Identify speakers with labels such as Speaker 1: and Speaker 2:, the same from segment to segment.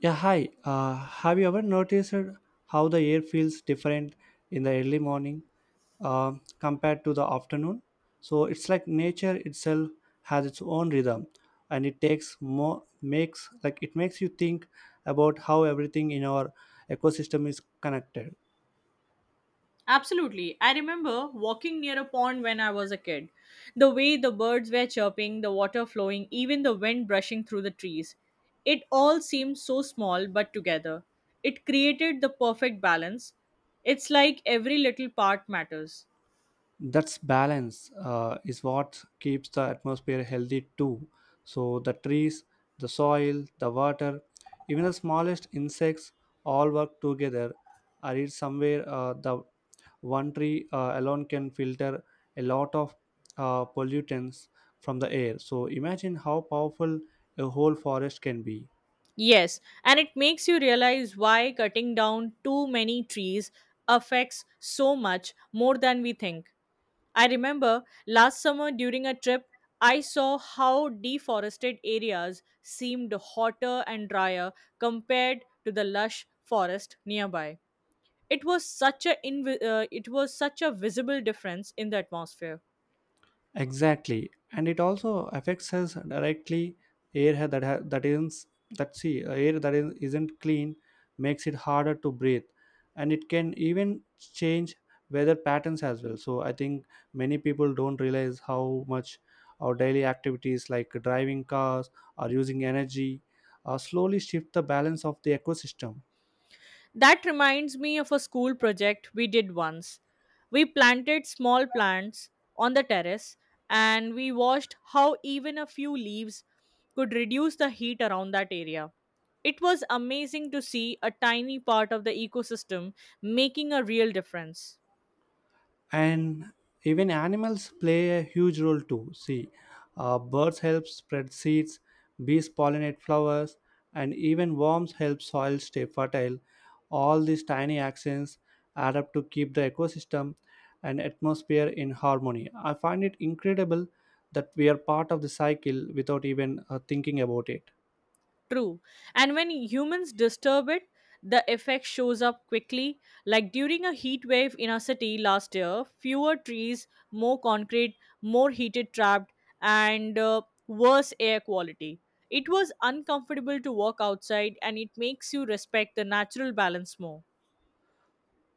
Speaker 1: Yeah, hi. Have you ever noticed how the air feels different in the early morning uh, compared to the afternoon? So it's like nature itself has its own rhythm, and it takes more makes like it makes you think about how everything in our ecosystem is connected.
Speaker 2: Absolutely. I remember walking near a pond when I was a kid. The way the birds were chirping, the water flowing, even the wind brushing through the trees. It all seemed so small but together. It created the perfect balance. It's like every little part matters.
Speaker 1: That's balance is what keeps the atmosphere healthy too. So the trees, the soil, the water, even the smallest insects all work together. I read somewhere the one tree alone can filter a lot of pollutants from the air. So imagine how powerful a whole forest can be.
Speaker 2: Yes, and it makes you realize why cutting down too many trees affects so much more than we think. I remember last summer during a trip, I saw how deforested areas seemed hotter and drier compared to the lush forest nearby. It was it was such a visible difference in the atmosphere.
Speaker 1: Exactly, and it also affects us directly. Air ha- that ha- that isn't that see Air that isn't clean makes it harder to breathe, and it can even change weather patterns as well. So I think many people don't realize how much our daily activities like driving cars or using energy slowly shift the balance of the ecosystem.
Speaker 2: That reminds me of a school project we did once. We planted small plants on the terrace and we watched how even a few leaves could reduce the heat around that area. It was amazing to see a tiny part of the ecosystem making a real difference.
Speaker 1: And even animals play a huge role too. See, birds help spread seeds, bees pollinate flowers, and even worms help soil stay fertile. All these tiny actions add up to keep the ecosystem and atmosphere in harmony. I find it incredible that we are part of the cycle without even thinking about it.
Speaker 2: True. And when humans disturb it, the effect shows up quickly. Like during a heat wave in a city last year, fewer trees, more concrete, more heated trapped, and worse air quality. It was uncomfortable to walk outside, and it makes you respect the natural balance more.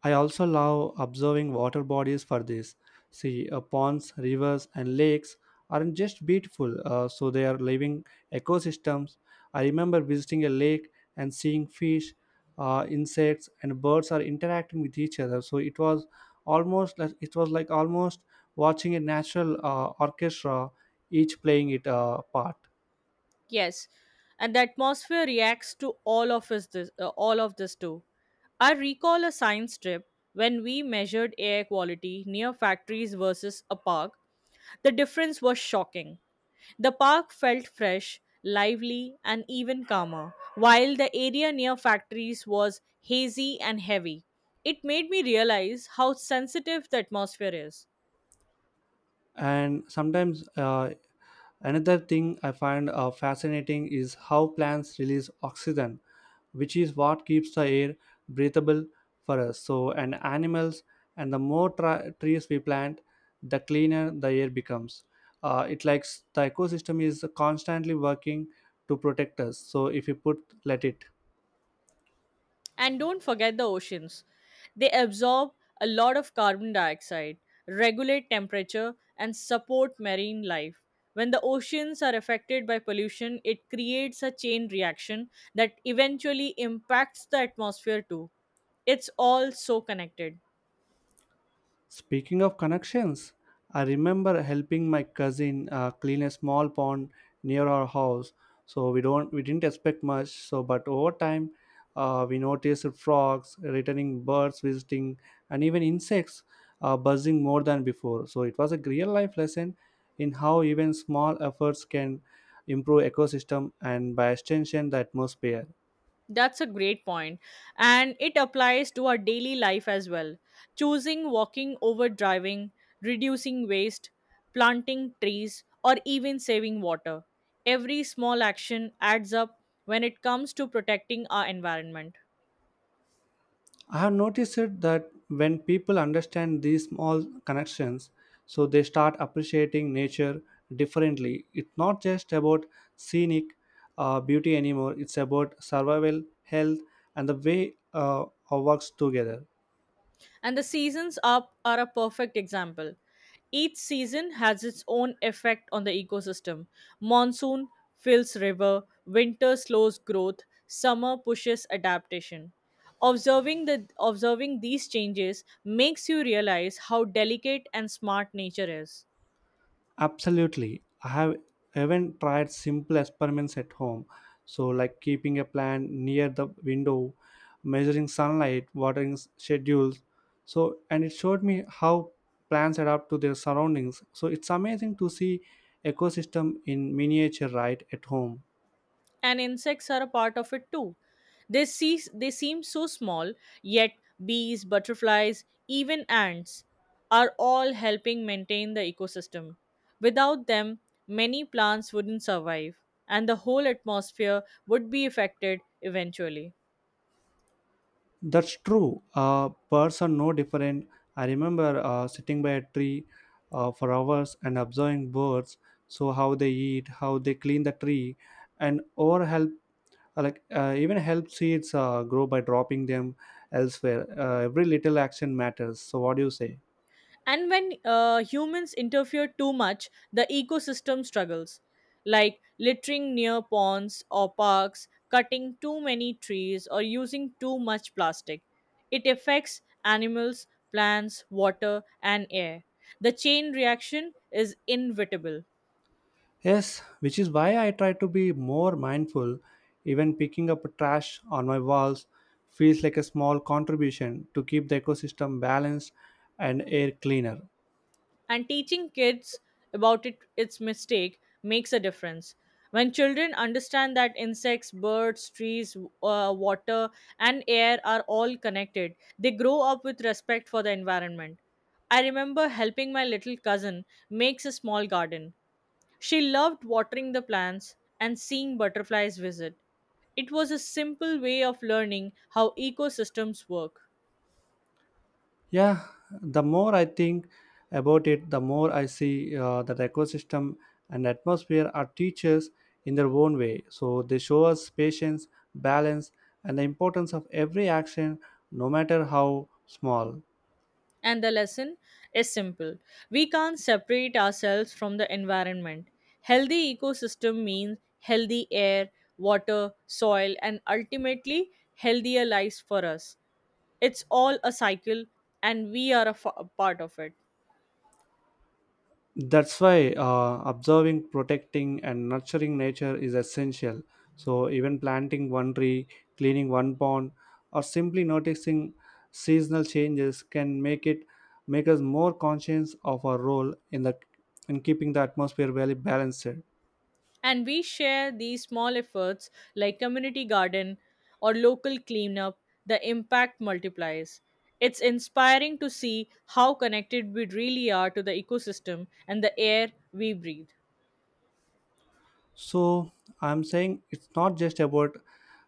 Speaker 1: I also love observing water bodies for this. See, ponds, rivers, and lakes aren't just beautiful, so they are living ecosystems. I remember visiting a lake and seeing fish, insects, and birds are interacting with each other. So it was almost like it was like almost watching a natural orchestra, each playing it part.
Speaker 2: Yes, and the atmosphere reacts to all of this too. I recall a science trip when we measured air quality near factories versus a park. The difference was shocking. The park felt fresh, lively, and even calmer, while the area near factories was hazy and heavy. It made me realize how sensitive the atmosphere is.
Speaker 1: And sometimes another thing I find fascinating is how plants release oxygen, which is what keeps the air breathable for us. So, and animals, and the more trees we plant, the cleaner the air becomes. It likes the ecosystem is constantly working to protect us. So, if you put, let it.
Speaker 2: And don't forget the oceans. They absorb a lot of carbon dioxide, regulate temperature, and support marine life. When the oceans are affected by pollution, it creates a chain reaction that eventually impacts the atmosphere too. It's all so connected.
Speaker 1: Speaking of connections, I remember helping my cousin clean a small pond near our house. So we didn't expect much. So but over time, we noticed frogs, returning birds visiting, and even insects buzzing more than before. So it was a real life lesson in how even small efforts can improve ecosystem and by extension the atmosphere.
Speaker 2: That's a great point, and it applies to our daily life as well. Choosing walking over driving, reducing waste, planting trees, or even saving water. Every small action adds up when it comes to protecting our environment.
Speaker 1: I have noticed it that when people understand these small connections, so they start appreciating nature differently. It's not just about scenic beauty anymore, it's about survival, health, and the way our works together.
Speaker 2: And the seasons are a perfect example. Each season has its own effect on the ecosystem. Monsoon fills river, winter slows growth, summer pushes adaptation. Observing these changes makes you realize how delicate and smart nature is.
Speaker 1: Absolutely. I have even tried simple experiments at home. So, like keeping a plant near the window, measuring sunlight, watering schedules. So, and it showed me how plants adapt to their surroundings. So, it's amazing to see ecosystem in miniature right at home.
Speaker 2: And insects are a part of it too. They seem so small, yet bees, butterflies, even ants are all helping maintain the ecosystem. Without them, many plants wouldn't survive and the whole atmosphere would be affected eventually.
Speaker 1: That's true. Birds are no different. I remember sitting by a tree for hours and observing birds. So how they eat, how they clean the tree, and or help even help seeds grow by dropping them elsewhere. Every little action matters. So what do you say?
Speaker 2: And when humans interfere too much, the ecosystem struggles, like littering near ponds or parks, cutting too many trees, or using too much plastic. It affects animals, plants, water, and air. The chain reaction is inevitable.
Speaker 1: Yes, which is why I try to be more mindful. Even picking up trash on my walls feels like a small contribution to keep the ecosystem balanced and air cleaner.
Speaker 2: And teaching kids about it, its mistake makes a difference. When children understand that insects, birds, trees, water, and air are all connected, they grow up with respect for the environment. I remember helping my little cousin makes a small garden. She loved watering the plants and seeing butterflies visit. It was a simple way of learning how ecosystems work.
Speaker 1: Yeah, the more I think about it, the more I see that ecosystem and atmosphere are teachers in their own way. So they show us patience, balance, and the importance of every action, no matter how small.
Speaker 2: And the lesson is simple we can't separate ourselves from the environment. Healthy ecosystem means healthy air, water, soil, and ultimately healthier lives for us. It's all a cycle, and we are a part of it.
Speaker 1: That's why observing, protecting, and nurturing nature is essential. So even planting one tree, cleaning one pond, or simply noticing seasonal changes can make us more conscious of our role in the in keeping the atmosphere well balanced.
Speaker 2: And we share these small efforts like community garden or local cleanup, the impact multiplies. It's inspiring to see how connected we really are to the ecosystem and the air we breathe.
Speaker 1: So I'm saying it's not just about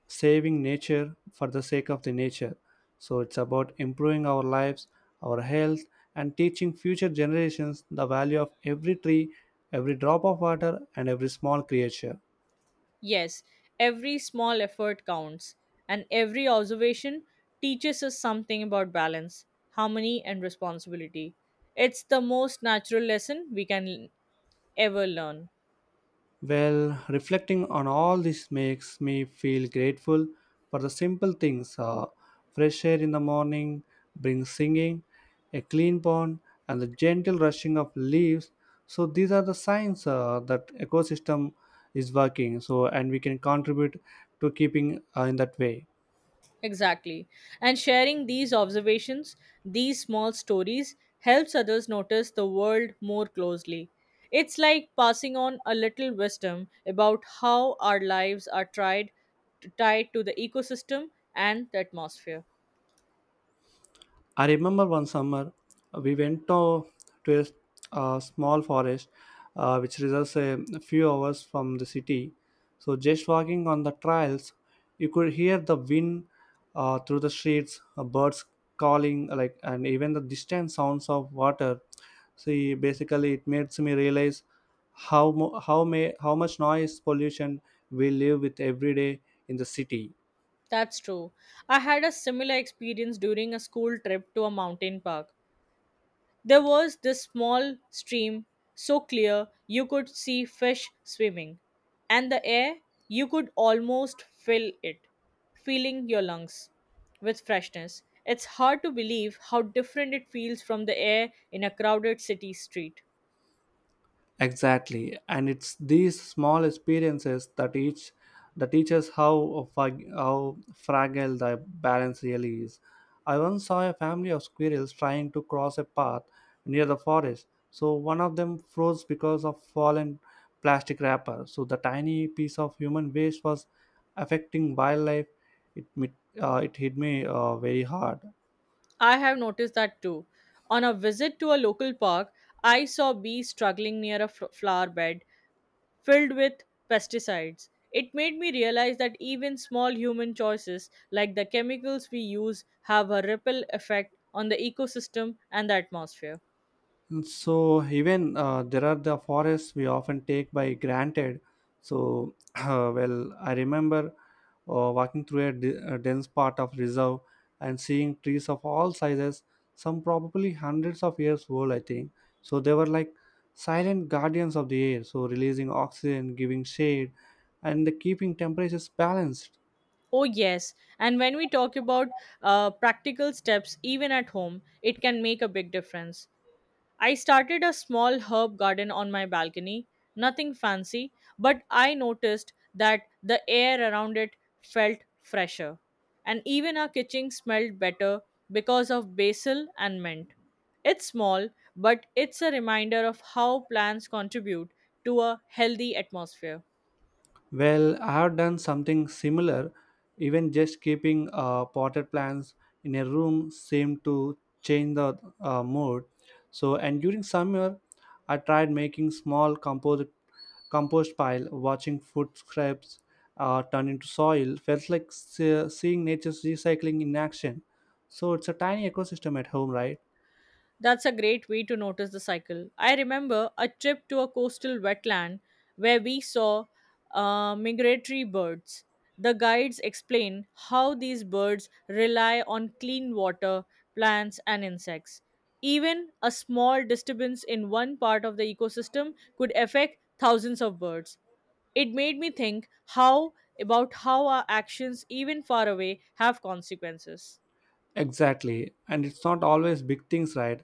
Speaker 1: saving nature for the sake of the nature. So it's about improving our lives, our health, and teaching future generations the value of every tree, every drop of water, and every small creature.
Speaker 2: Yes, every small effort counts, and every observation teaches us something about balance, harmony, and responsibility. It's the most natural lesson we can ever learn.
Speaker 1: Well, reflecting on all this makes me feel grateful for the simple things, fresh air in the morning, brings singing, a clean pond, and the gentle rushing of leaves. So, these are the signs that ecosystem is working. So, and we can contribute to keeping in that way.
Speaker 2: Exactly. And sharing these observations, these small stories, helps others notice the world more closely. It's like passing on a little wisdom about how our lives are tied to the ecosystem and the atmosphere.
Speaker 1: I remember one summer we went to a small forest which results a few hours from the city. So just walking on the trails, you could hear the wind through the streets, birds calling, and even the distant sounds of water. See, basically, it makes me realize how mo- how may how much noise pollution we live with every day in the city.
Speaker 2: That's true. I had a similar experience during a school trip to a mountain park. There was this small stream, so clear you could see fish swimming, and the air you could almost fill it, filling your lungs with freshness. It's hard to believe how different it feels from the air in a crowded city street.
Speaker 1: Exactly, and it's these small experiences that teaches how fragile the balance really is. I once saw a family of squirrels trying to cross a path near the forest. So one of them froze because of fallen plastic wrapper. So the tiny piece of human waste was affecting wildlife. It mit- it hit me very hard.
Speaker 2: I have noticed that too. On a visit to a local park, I saw bees struggling near a flower bed filled with pesticides. It made me realize that even small human choices, like the chemicals we use, have a ripple effect on the ecosystem and the atmosphere.
Speaker 1: And so even there are the forests we often take by granted. So well, I remember walking through a dense part of reserve and seeing trees of all sizes, some probably hundreds of years old, I think. So they were like silent guardians of the air, so releasing oxygen, giving shade, and the keeping temperatures balanced.
Speaker 2: Oh, yes. And when we talk about practical steps, even at home, it can make a big difference. I started a small herb garden on my balcony, nothing fancy, but I noticed that the air around it felt fresher. And even our kitchen smelled better because of basil and mint. It's small, but it's a reminder of how plants contribute to a healthy atmosphere.
Speaker 1: Well, I have done something similar. Even just keeping potted plants in a room seemed to change the mood. So, and during summer, I tried making small compost pile. Watching food scraps turn into soil felt like seeing nature's recycling in action. So, it's a tiny ecosystem at home, right?
Speaker 2: That's a great way to notice the cycle. I remember a trip to a coastal wetland where we saw migratory birds. The guides explain how these birds rely on clean water, plants, and insects. Even a small disturbance in one part of the ecosystem could affect thousands of birds. It made me think how about how our actions, even far away, have consequences.
Speaker 1: Exactly. And it's not always big things, right?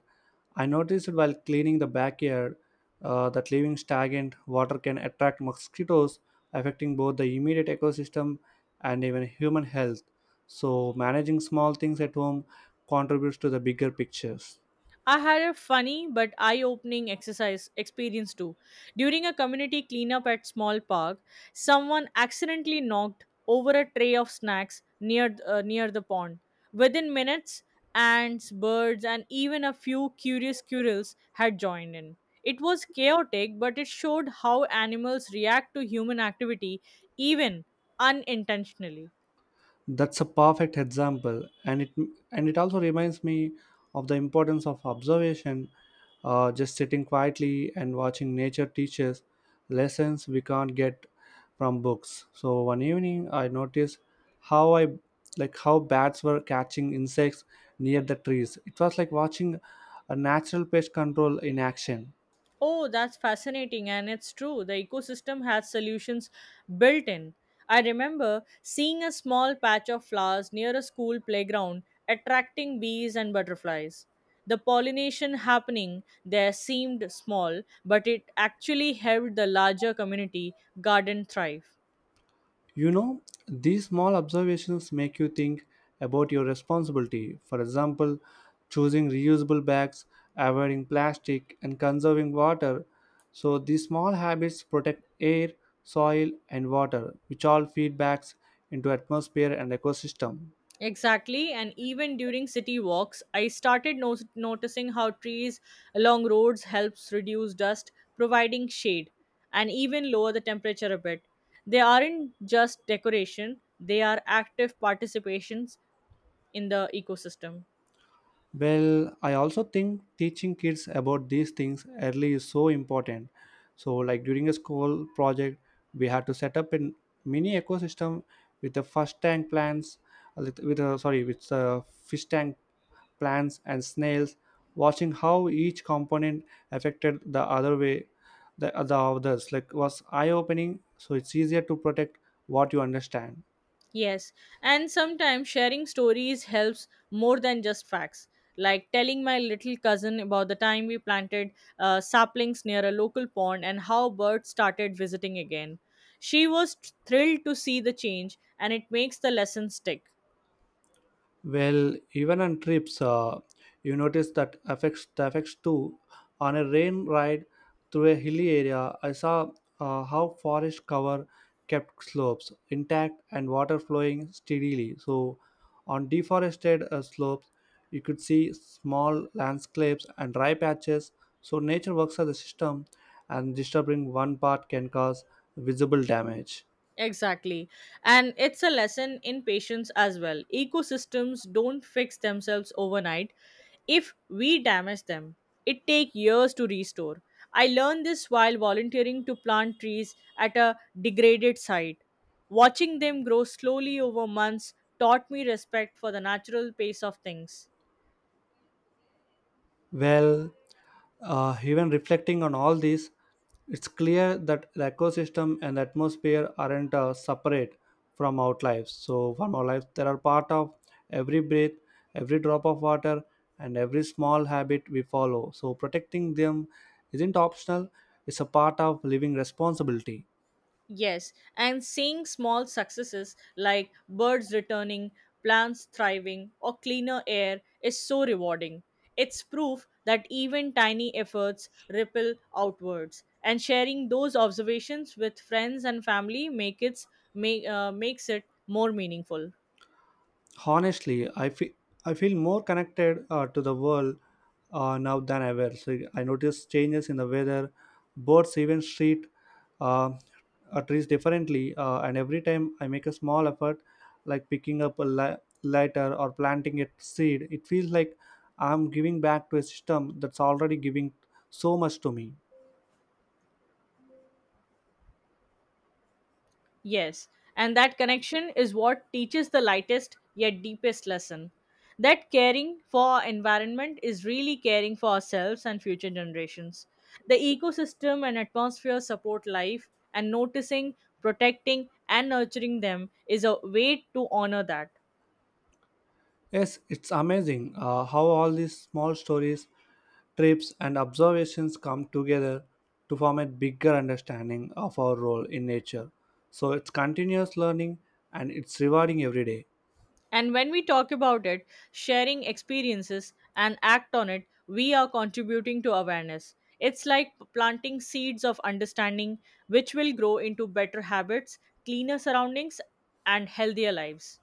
Speaker 1: I noticed while cleaning the backyard that leaving stagnant water can attract mosquitoes, affecting both the immediate ecosystem and even human health. So, managing small things at home contributes to the bigger pictures.
Speaker 2: I had a funny but eye opening exercise experience too. During a community cleanup at small park, someone accidentally knocked over a tray of snacks near near the pond. Within minutes, ants, birds, and even a few curious squirrels had joined in. It was chaotic, but it showed how animals react to human activity even unintentionally.
Speaker 1: That's a perfect example, and it also reminds me of the importance of observation. Just sitting quietly and watching nature teaches lessons we can't get from books. So one evening I noticed how I like how bats were catching insects near the trees. It was like watching a natural pest control in action.
Speaker 2: Oh, that's fascinating, and it's true. The ecosystem has solutions built in. I remember seeing a small patch of flowers near a school playground attracting bees and butterflies. The pollination happening there seemed small, but it actually helped the larger community garden thrive.
Speaker 1: You know, these small observations make you think about your responsibility. For example, choosing reusable bags, avoiding plastic, and conserving water. So, these small habits protect air, soil, and water, which all feed back into atmosphere and ecosystem.
Speaker 2: Exactly, and even during city walks, I started noticing how trees along roads helps reduce dust, providing shade, and even lower the temperature a bit. They aren't just decoration; they are active participations in the ecosystem.
Speaker 1: Well, I also think teaching kids about these things early is so important. So, like during a school project, we had to set up a mini ecosystem with the first tank plants, with the fish tank plants and snails, watching how each component affected the other way, the others like was eye opening. So it's easier to protect what you understand.
Speaker 2: Yes, and sometimes sharing stories helps more than just facts. Like telling my little cousin about the time we planted saplings near a local pond and how birds started visiting again. She was thrilled to see the change, and it makes the lesson stick.
Speaker 1: Well, even on trips, you notice that affects too. On a rain ride through a hilly area, I saw how forest cover kept slopes intact and water flowing steadily. So, on deforested slopes, you could see small landscapes and dry patches. So, nature works as a system, and disturbing one part can cause visible damage.
Speaker 2: Exactly. And it's a lesson in patience as well. Ecosystems don't fix themselves overnight. If we damage them, it takes years to restore. I learned this while volunteering to plant trees at a degraded site. Watching them grow slowly over months taught me respect for the natural pace of things.
Speaker 1: Well, even reflecting on all this, it's clear that the ecosystem and the atmosphere aren't separate from our lives. So, from our lives, they are part of every breath, every drop of water, and every small habit we follow. So, protecting them isn't optional, it's a part of living responsibility.
Speaker 2: Yes, and seeing small successes like birds returning, plants thriving, or cleaner air is so rewarding. It's proof that even tiny efforts ripple outwards, and sharing those observations with friends and family makes it more meaningful.
Speaker 1: Honestly, I feel more connected to the world now than ever. So I notice changes in the weather, birds, even treat uh, trees differently. And every time I make a small effort like picking up a lighter or planting a seed, it feels like I'm giving back to a system that's already giving so much to me.
Speaker 2: Yes, and that connection is what teaches the lightest yet deepest lesson. That caring for our environment is really caring for ourselves and future generations. The ecosystem and atmosphere support life, and noticing, protecting, and nurturing them is a way to honor that.
Speaker 1: Yes, it's amazing how all these small stories, trips, and observations come together to form a bigger understanding of our role in nature. So it's continuous learning and it's rewarding every day.
Speaker 2: And when we talk about it, sharing experiences and act on it, we are contributing to awareness. It's like planting seeds of understanding, which will grow into better habits, cleaner surroundings, and healthier lives.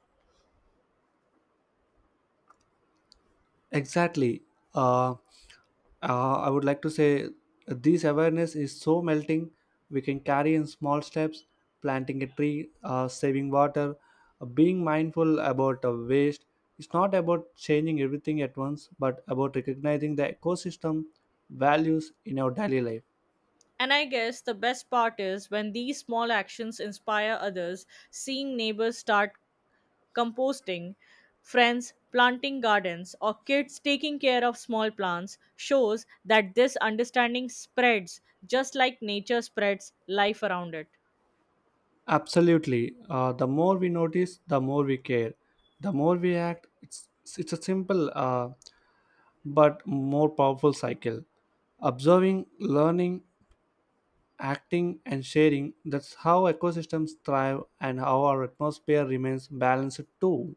Speaker 1: Exactly. Uh, I would like to say this awareness is so melting. We can carry in small steps, planting a tree, saving water, being mindful about waste. It's not about changing everything at once, but about recognizing the ecosystem values in our daily life.
Speaker 2: And I guess the best part is when these small actions inspire others, seeing neighbors start composting, friends planting gardens, or kids taking care of small plants shows that this understanding spreads just like nature spreads life around it.
Speaker 1: Absolutely. The more we notice, the more we care. The more we act, it's a simple but more powerful cycle. Observing, learning, acting, and sharing, that's how ecosystems thrive and how our atmosphere remains balanced too.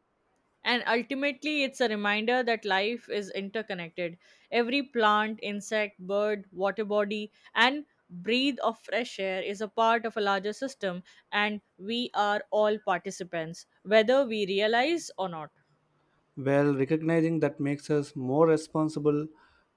Speaker 2: And ultimately, it's a reminder that life is interconnected. Every plant, insect, bird, water body, and breathe of fresh air is a part of a larger system, and we are all participants, whether we realize or not.
Speaker 1: Well, recognizing that makes us more responsible,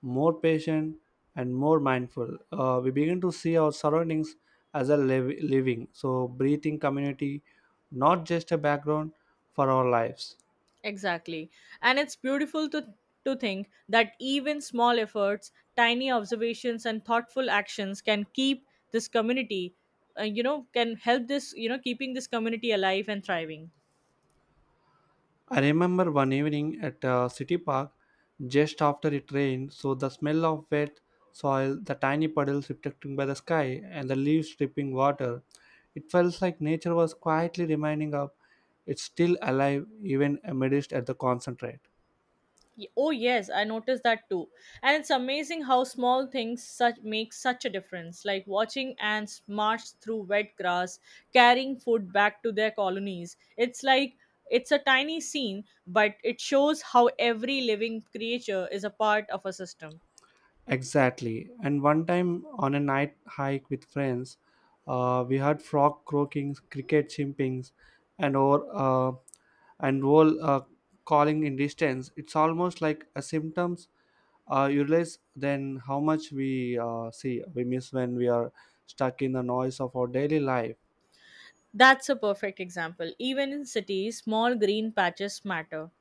Speaker 1: more patient, and more mindful. We begin to see our surroundings as a living, so breathing community, not just a background for our lives.
Speaker 2: Exactly. And it's beautiful to think that even small efforts, tiny observations, and thoughtful actions can keep this community, you know, can help this, you know, keeping this community alive and thriving.
Speaker 1: I remember one evening at a city park just after it rained, so the smell of wet soil, the tiny puddles reflecting by the sky, and the leaves dripping water. It felt like nature was quietly reminding us it's still alive even amidst at the concentrate.
Speaker 2: Oh yes, I noticed that too. And it's amazing how small things such make such a difference, like watching ants march through wet grass, carrying food back to their colonies. It's like it's a tiny scene, but it shows how every living creature is a part of a system.
Speaker 1: Exactly. And one time on a night hike with friends, we heard frog croaking, cricket chimpings, and or uh, and owl calling in distance. It's almost like a symptoms. You realize then how much we miss when we are stuck in the noise of our daily life.
Speaker 2: That's a perfect example. Even in cities, small green patches matter.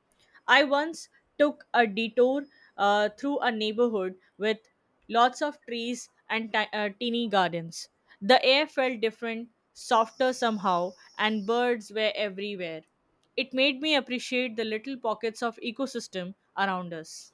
Speaker 2: I once took a detour through a neighborhood with lots of trees and teeny gardens. The air felt different, softer somehow, and birds were everywhere. It made me appreciate the little pockets of ecosystem around us.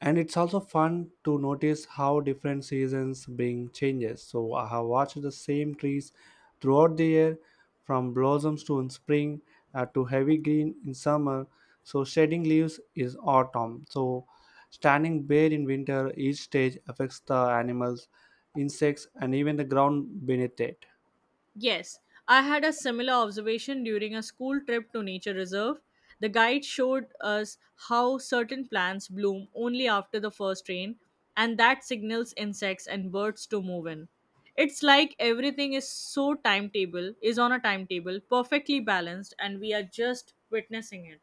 Speaker 1: And it's also fun to notice how different seasons bring changes. So I have watched the same trees throughout the year, from blossoms to in spring, to heavy green in summer, so shedding leaves is autumn, so standing bare in winter. Each stage affects the animals, insects, and even the ground beneath it.
Speaker 2: Yes, I had a similar observation during a school trip to nature reserve. The guide showed us how certain plants bloom only after the first rain, and that signals insects and birds to move in. It's like everything is is on a timetable, perfectly balanced, and we are just witnessing it.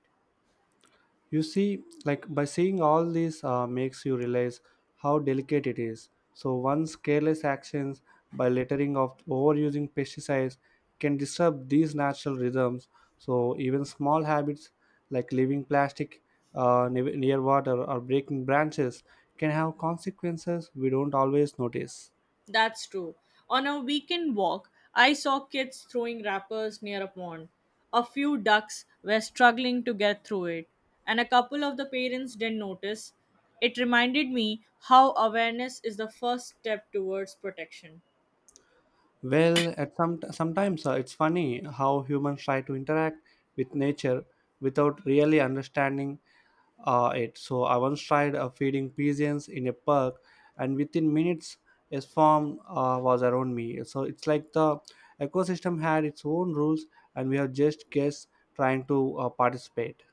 Speaker 1: You see, like by seeing all this makes you realize how delicate it is. So one's careless actions by littering of overusing pesticides can disturb these natural rhythms. So even small habits like leaving plastic near water or breaking branches can have consequences we don't always notice.
Speaker 2: That's true. On a weekend walk, I saw kids throwing wrappers near a pond. A few ducks were struggling to get through it, and a couple of the parents didn't notice. It reminded me how awareness is the first step towards protection.
Speaker 1: Well, at some sometimes it's funny how humans try to interact with nature without really understanding it. So I once tried feeding pigeons in a park, and within minutes, a swarm was around me. So it's like the ecosystem had its own rules, and we have just guests trying to participate.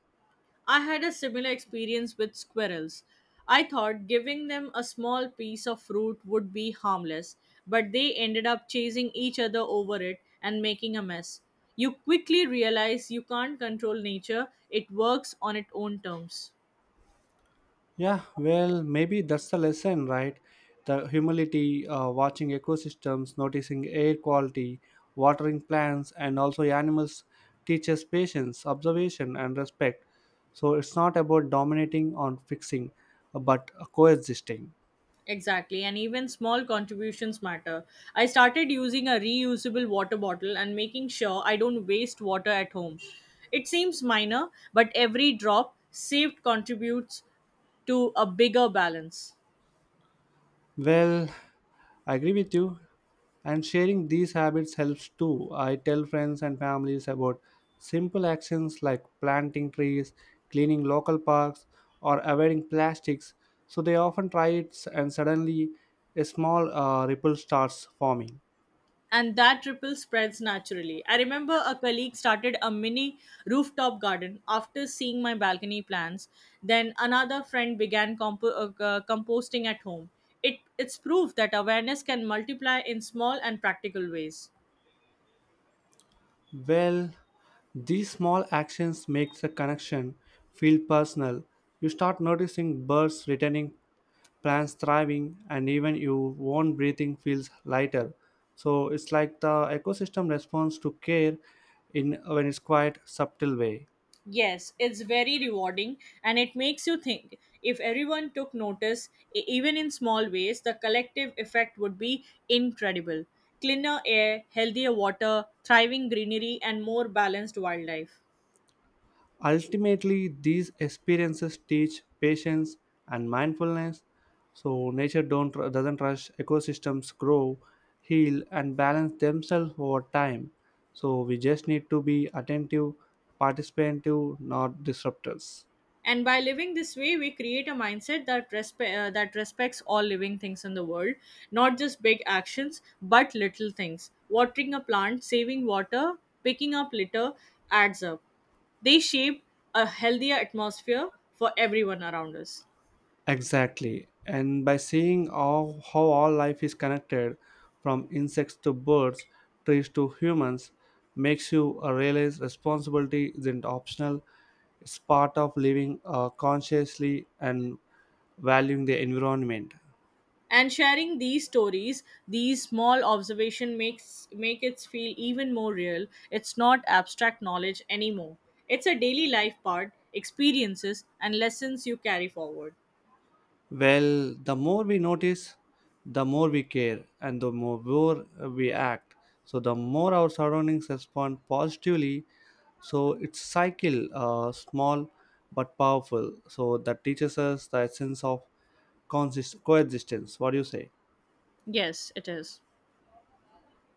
Speaker 2: I had a similar experience with squirrels. I thought giving them a small piece of fruit would be harmless, but they ended up chasing each other over it and making a mess. You quickly realize you can't control nature, it works on its own terms.
Speaker 1: Yeah, well, maybe that's the lesson, right? The humility, watching ecosystems, noticing air quality, watering plants, and also animals teaches patience, observation, and respect. So it's not about dominating or fixing, but coexisting.
Speaker 2: Exactly, and even small contributions matter. I started using a reusable water bottle and making sure I don't waste water at home. It seems minor, but every drop saved contributes to a bigger balance.
Speaker 1: Well, I agree with you. And sharing these habits helps too. I tell friends and families about simple actions like planting trees, cleaning local parks, or avoiding plastics. So they often try it, and suddenly a small ripple starts forming.
Speaker 2: And that ripple spreads naturally. I remember a colleague started a mini rooftop garden after seeing my balcony plans. Then another friend began composting at home. It's proof that awareness can multiply in small and practical ways.
Speaker 1: Well, these small actions makes the connection feel personal. You start noticing birds returning, plans thriving, and even your own breathing feels lighter. So it's like the ecosystem responds to care in when it's quite subtle way.
Speaker 2: Yes, it's very rewarding and it makes you think. If everyone took notice, even in small ways, the collective effect would be incredible. Cleaner air, healthier water, thriving greenery, and more balanced wildlife.
Speaker 1: Ultimately, these experiences teach patience and mindfulness. So nature don't doesn't rush. Ecosystems grow, heal, and balance themselves over time. So we just need to be attentive, participative, not disruptors.
Speaker 2: And by living this way we create a mindset that respects all living things in the world, not just big actions but little things, watering a plant, saving water, picking up litter adds up. They shape a healthier atmosphere for everyone around us.
Speaker 1: Exactly. And by seeing all, how all life is connected, from insects to birds, trees to humans, makes you realize responsibility isn't optional. It's part of living consciously and valuing the environment.
Speaker 2: And sharing these stories, these small observation, make it feel even more real. It's not abstract knowledge anymore, it's a daily life part experiences and lessons you carry forward.
Speaker 1: Well, the more we notice, the more we care, and the more we act. So, the more our surroundings respond positively. So, it's cycle, small but powerful. So, that teaches us the essence of coexistence. What do you say?
Speaker 2: Yes, it is.